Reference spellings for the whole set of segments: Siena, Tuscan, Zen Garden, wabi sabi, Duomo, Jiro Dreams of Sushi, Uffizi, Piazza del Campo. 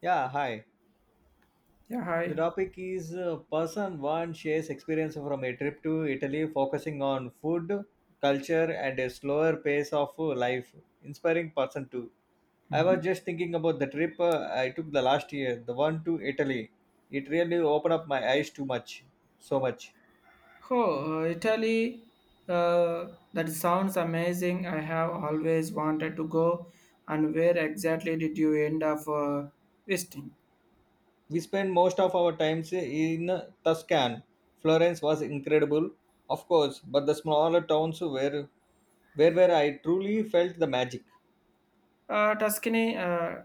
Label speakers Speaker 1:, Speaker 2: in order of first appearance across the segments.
Speaker 1: Yeah, hi.
Speaker 2: Yeah,
Speaker 1: The
Speaker 2: hi.
Speaker 1: topic is person one shares experience from a trip to Italy, focusing on food, culture, and a slower pace of life. Inspiring person two. I
Speaker 2: Hmm.
Speaker 1: was just thinking about the trip I took the last year, the one to Italy. It really opened up my eyes too much, so much.
Speaker 2: Oh, Italy, uh, that sounds amazing. I have always wanted to go. And where exactly did you end up visiting?
Speaker 1: We spent most of our times in Tuscan. Florence was incredible, of course, but the smaller towns were where I truly felt the magic.
Speaker 2: Tuscany,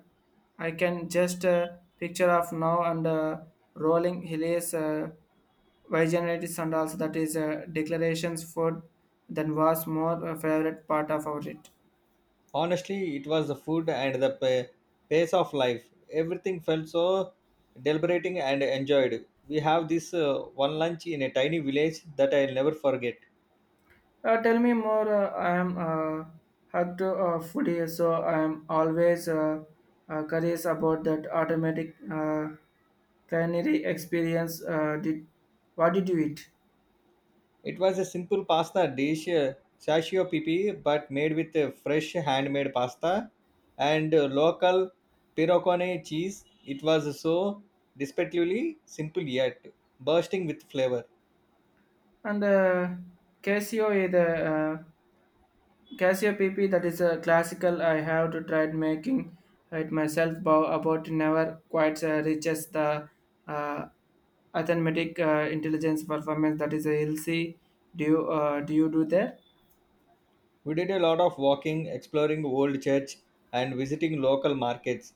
Speaker 2: I can just picture of now and rolling hills, vegetables and also that is declarations food. That was more favorite part of our trip.
Speaker 1: Honestly, it was the food and the pace of life. Everything felt so deliberating and enjoyed. We have this one lunch in a tiny village that I'll never forget.
Speaker 2: Tell me more. I am hugged foodie, so I am always curious about that automatic culinary experience. Did what did you eat?
Speaker 1: It was a simple pasta dish, sashio pipi, but made with fresh handmade pasta and local pirocone cheese. It was so despectively simple yet bursting with flavor.
Speaker 2: And Casio is a uh, Casio PP. That is a classical. I have to try making it myself. But about never quite reaches the uh, arithmetic intelligence performance. That is a LC. Do you do there?
Speaker 1: We did a lot of walking, exploring old church and visiting local markets.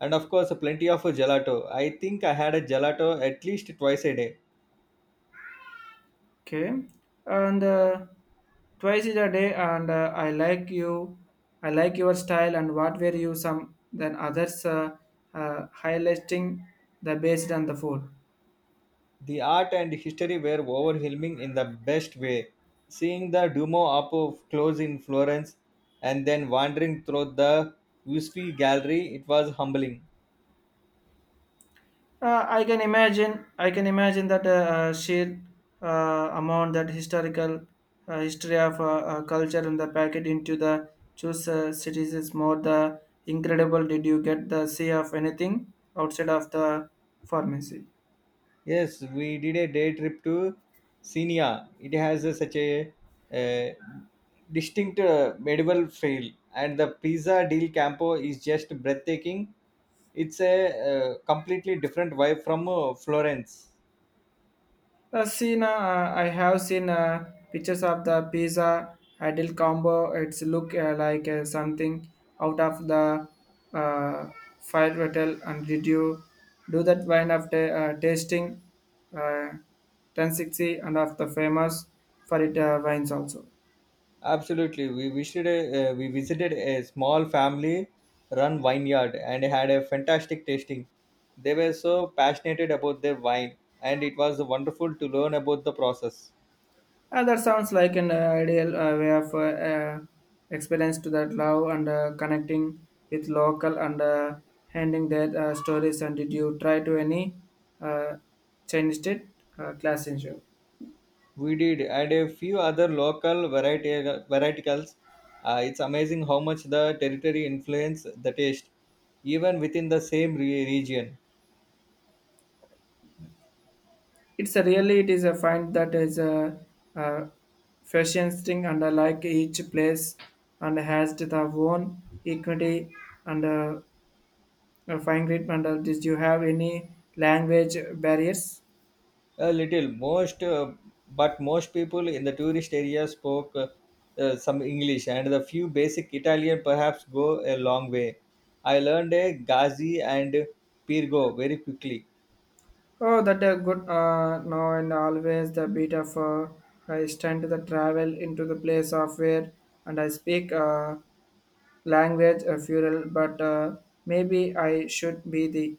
Speaker 1: And of course, plenty of gelato. I think I had a gelato at least twice a day.
Speaker 2: Okay, and twice in a day, and I like you, I like your style, and what were you some than others highlighting the based on the food.
Speaker 1: The art and history were overwhelming in the best way. Seeing the Duomo close in Florence and then wandering through the Usfi gallery, it was humbling.
Speaker 2: I can imagine that sheer amount that historical history of culture and the packet into the choose cities is more the incredible. Did you get the see of anything outside of the pharmacy?
Speaker 1: Yes, we did a day trip to Senia. It has a, such a, uh distinct medieval feel, and the Pizza del Campo is just breathtaking. It's a completely different vibe from Florence.
Speaker 2: Seen, I have seen pictures of the pizza ideal combo. It's look like something out of the uh, fire hotel. And did you do that wine of tasting uh, 1060 and of the famous for it wines also?
Speaker 1: Absolutely, we visited a small family-run vineyard and had a fantastic tasting. They were so passionate about their wine, and it was wonderful to learn about the process.
Speaker 2: That sounds like an ideal way of experience to that love and connecting with local and handing their stories. And did you try to any uh, changed it class in show?
Speaker 1: We did, and a few other local variety varieticals. It's amazing how much the territory influence the taste, even within the same region.
Speaker 2: It's a really it is a find that is a fascinating and I like each place and has the own equity and fine grid. And did you have any language barriers?
Speaker 1: A little, most, but most people in the tourist area spoke some English, and the few basic Italian perhaps go a long way. I learned a Gazi and Pirgo very quickly.
Speaker 2: Oh, that a good now and always the beat of I stand to the travel into the place of where and I speak language fural, but maybe I should be the.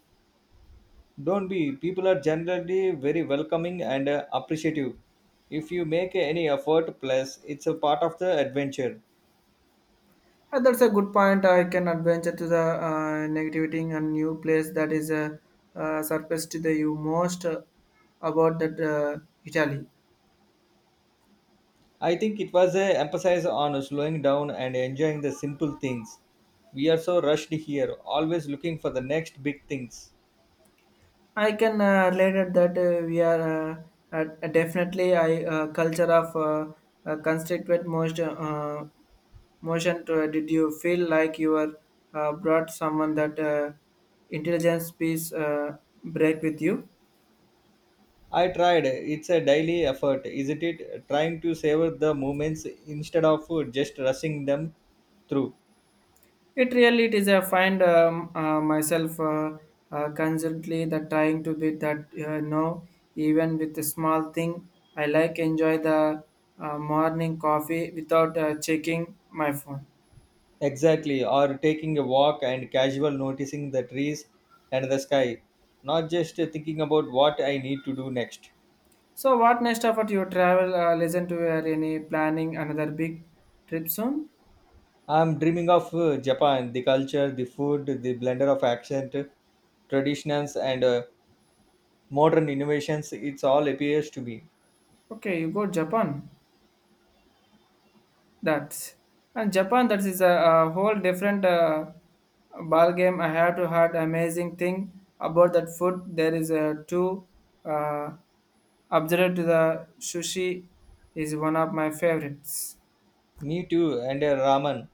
Speaker 1: Don't be. People are generally very welcoming and appreciative. If you make any effort, plus it's a part of the adventure.
Speaker 2: That's a good point. I can adventure to the negativity and new place that is surface to the you most about that Italy.
Speaker 1: I think it was a emphasis on slowing down and enjoying the simple things. We are so rushed here, always looking for the next big things.
Speaker 2: I can relate at that we are definitely a culture of constituent most motion. To, did you feel like you were brought someone that intelligence piece break with you?
Speaker 1: I tried. It's a daily effort, isn't it? Trying to savor the moments instead of just rushing them through.
Speaker 2: It really it is I find myself constantly that trying to be that no even with a small thing I like enjoy the morning coffee without checking my phone.
Speaker 1: Exactly, or taking a walk and casual noticing the trees and the sky, not just thinking about what I need to do next.
Speaker 2: So, what next about your travel? Listen to your any planning another big trip soon?
Speaker 1: I'm dreaming of Japan, the culture, the food, the blender of accent, traditions, and modern innovations. It's all appears to me.
Speaker 2: Okay, you go Japan. That's and Japan. That is a whole different ball game. I have to heard amazing thing about that food. There is a two uh, observed to the sushi is one of my favorites.
Speaker 1: Me too, and ramen.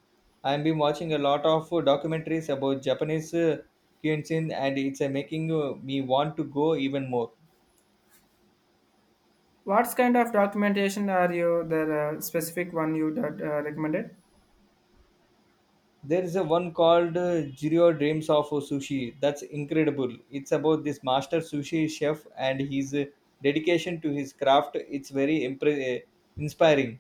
Speaker 1: I've been watching a lot of documentaries about Japanese cuisine, and it's making me want to go even more.
Speaker 2: What kind of documentation are you the specific one you that recommended?
Speaker 1: There is a one called Jiro Dreams of Sushi. That's incredible. It's about this master sushi chef and his dedication to his craft. It's very inspiring.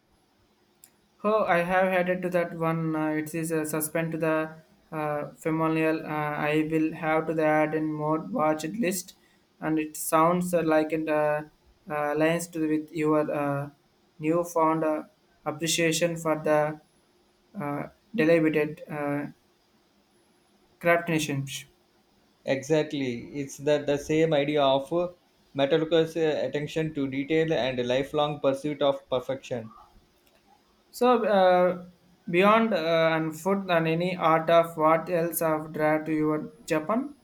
Speaker 2: Oh, I have headed to that one. It is a suspend to the familial. I will have to add in more watched list, and it sounds like it aligns to with your newfound appreciation for the uh, deliberated craft nations.
Speaker 1: Exactly. It's the same idea of Metallica's attention to detail and lifelong pursuit of perfection.
Speaker 2: So beyond and food and any art of what else have drawn to your Japan?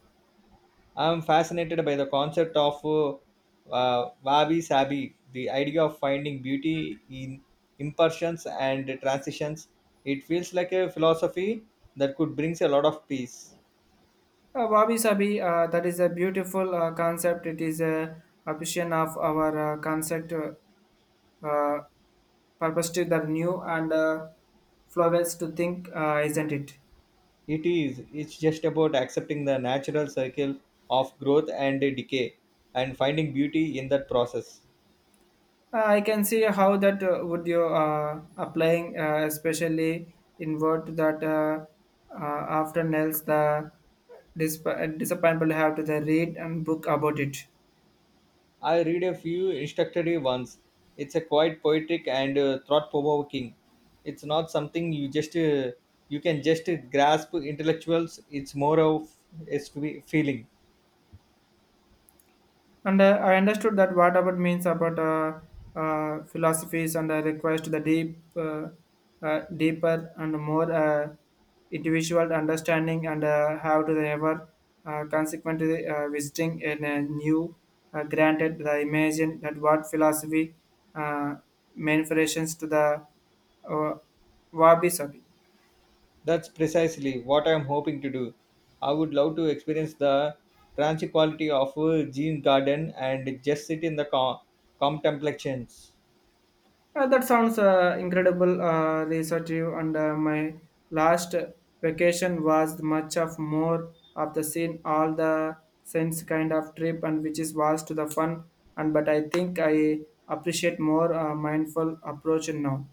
Speaker 1: I'm fascinated by the concept of wabi sabi, the idea of finding beauty in imperfections and transitions. It feels like a philosophy that could bring a lot of peace.
Speaker 2: Wabi Sabi, that is a beautiful concept. It is a vision of our concept, uh, purpose to the new and flowers to think, isn't it?
Speaker 1: It is. It's just about accepting the natural cycle of growth and decay and finding beauty in that process.
Speaker 2: I can see how that would you applying, especially in word that uh, after nails the disp- disappointment have to the read and book about it.
Speaker 1: I read a few introductory ones. It's a quite poetic and thought-provoking. It's not something you can just grasp intellectuals. It's more of a feeling.
Speaker 2: And I understood that what about means about philosophies and I request the deep, deeper and more individual understanding and how to they ever consequently visiting in a new granted the imagine that what philosophy uh, manifestations to the uh, wabi sabi.
Speaker 1: That's precisely what I'm hoping to do. I would love to experience the tranquility quality of Gene Garden and just sit in the contemplations.
Speaker 2: That sounds incredible, researchive. And my last vacation was much of more of the scene, all the sense kind of trip, and which is was to the fun. And but I think I appreciate more mindful approach now.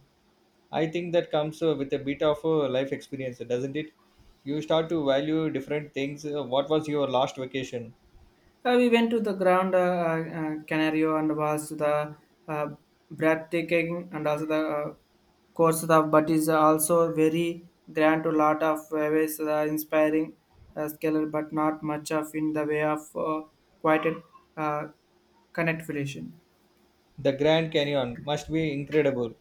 Speaker 1: I think that comes with a bit of life experience, doesn't it? You start to value different things. What was your last vacation?
Speaker 2: We went to the ground, Canario and was the uh, breathtaking and also the course of but is also very grand to lot of ways the inspiring scalar but not much of in the way of quite a uh, connect relation.
Speaker 1: The Grand Canyon must be incredible.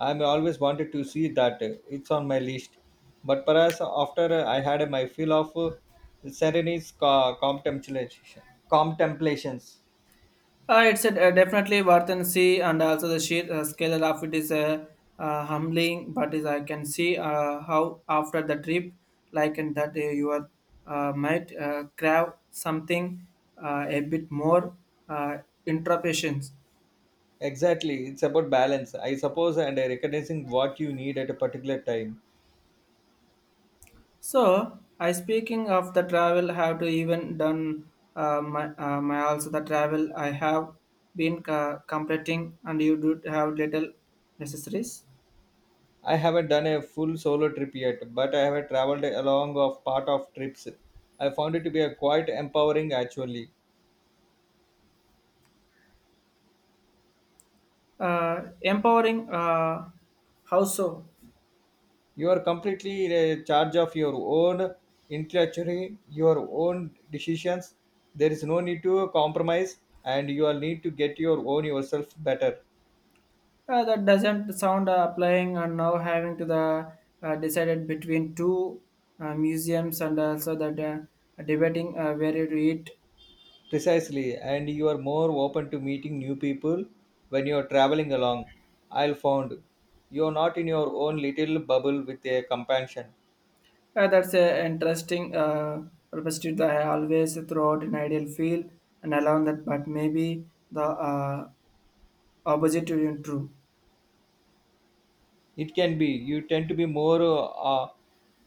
Speaker 1: I'm always wanted to see that. It's on my list. But perhaps after I had my fill of Serene's contemplations.
Speaker 2: It's a, definitely worth and see, and also the sheer scale of it is humbling. But is I can see how after the trip, like and that you are might crave something a bit more uh, interpretations.
Speaker 1: Exactly. It's about balance, I suppose, and recognizing what you need at a particular time.
Speaker 2: So I speaking of the travel, have to even done my also the travel I have been completing, and you do have little necessaries.
Speaker 1: I haven't done a full solo trip yet, but I have traveled along of part of trips. I found it to be a quite empowering actually.
Speaker 2: Empowering how so
Speaker 1: You are completely in charge of your own intellectually your own decisions. There is no need to compromise, and you all need to get your own yourself better.
Speaker 2: that doesn't sound applying and now having to the decided between two museums and also that debating where to eat
Speaker 1: Precisely, and you are more open to meeting new people when you are traveling along. I'll found you are not in your own little bubble with a companion.
Speaker 2: that's an interesting perspective that I always throughout an ideal field and allow that but maybe the opposite isn't true.
Speaker 1: It can be you tend to be more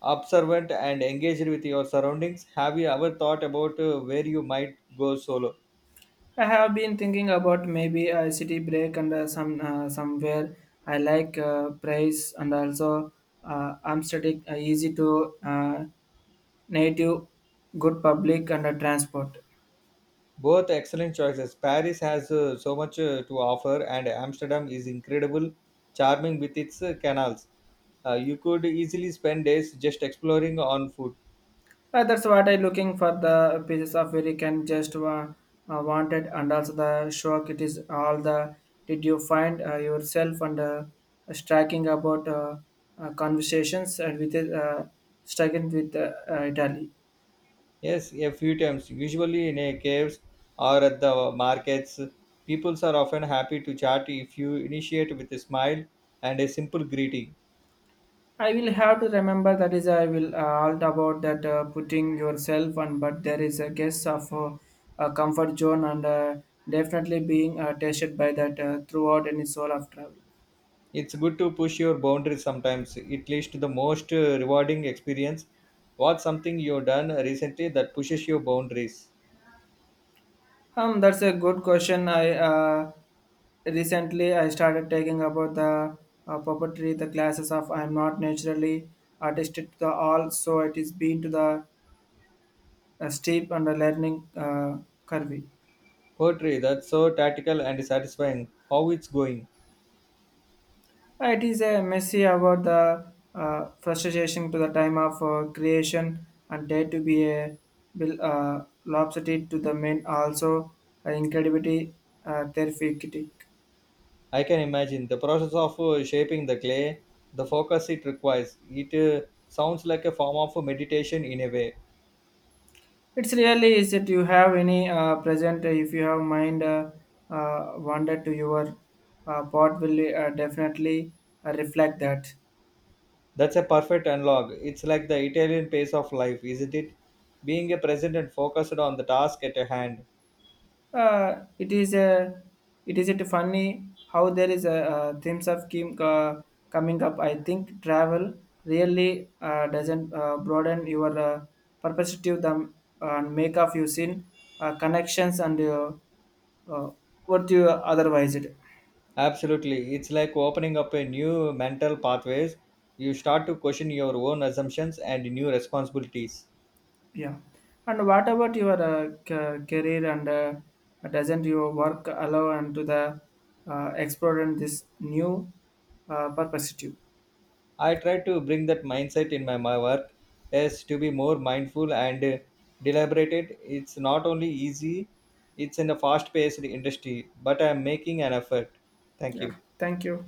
Speaker 1: observant and engaged with your surroundings. Have you ever thought about where you might go solo?
Speaker 2: I have been thinking about maybe a city break and somewhere I like price and also Amsterdam easy to native good public and transport.
Speaker 1: Both excellent choices. Paris has so much to offer, and Amsterdam is incredible, charming with its canals. You could easily spend days just exploring on foot.
Speaker 2: That's what I looking for the pieces of where you can just wanted and also the shock it is all the did you find yourself and striking about conversations and with striking with Italy.
Speaker 1: Yes, a few times, usually in a caves or at the markets. Peoples are often happy to chat if you initiate with a smile and a simple greeting.
Speaker 2: I will have to remember that is I will all about that putting yourself on but there is a guess of a comfort zone and definitely being tested by that throughout any soul of travel.
Speaker 1: It's good to push your boundaries sometimes. It leads to the most rewarding experience. What's something you've done recently that pushes your boundaries?
Speaker 2: That's a good question. I Recently I started taking about the puppetry, the classes of I am not naturally artistic to the all, so it is been to the steep and the learning curve.
Speaker 1: Poetry that's so tactical and satisfying. How it's going?
Speaker 2: It is a messy about the frustration to the time of creation and dare to be a lopsided to the men also incredibly therapeutic.
Speaker 1: I can imagine the process of shaping the clay, the focus it requires. It sounds like a form of meditation in a way.
Speaker 2: It's really is that you have any present if you have mind wander to your pot will definitely reflect that.
Speaker 1: That's a perfect analog. It's like the Italian pace of life, isn't it? Being a present and focused on the task at hand.
Speaker 2: It is a it is it funny how there is a themes of keep coming up. I think travel really doesn't broaden your perspective them and make of you seen connections and uh, what you otherwise it.
Speaker 1: Absolutely. It's like opening up a new mental pathways. You start to question your own assumptions and new responsibilities.
Speaker 2: Yeah. And what about your career and doesn't your work allow and to the exploring this new perspective?
Speaker 1: I try to bring that mindset in my work as to be more mindful and deliberated. It's not only easy, it's in a fast paced industry, but I'm making an effort. Thank
Speaker 2: Yeah.
Speaker 1: you.
Speaker 2: Thank you.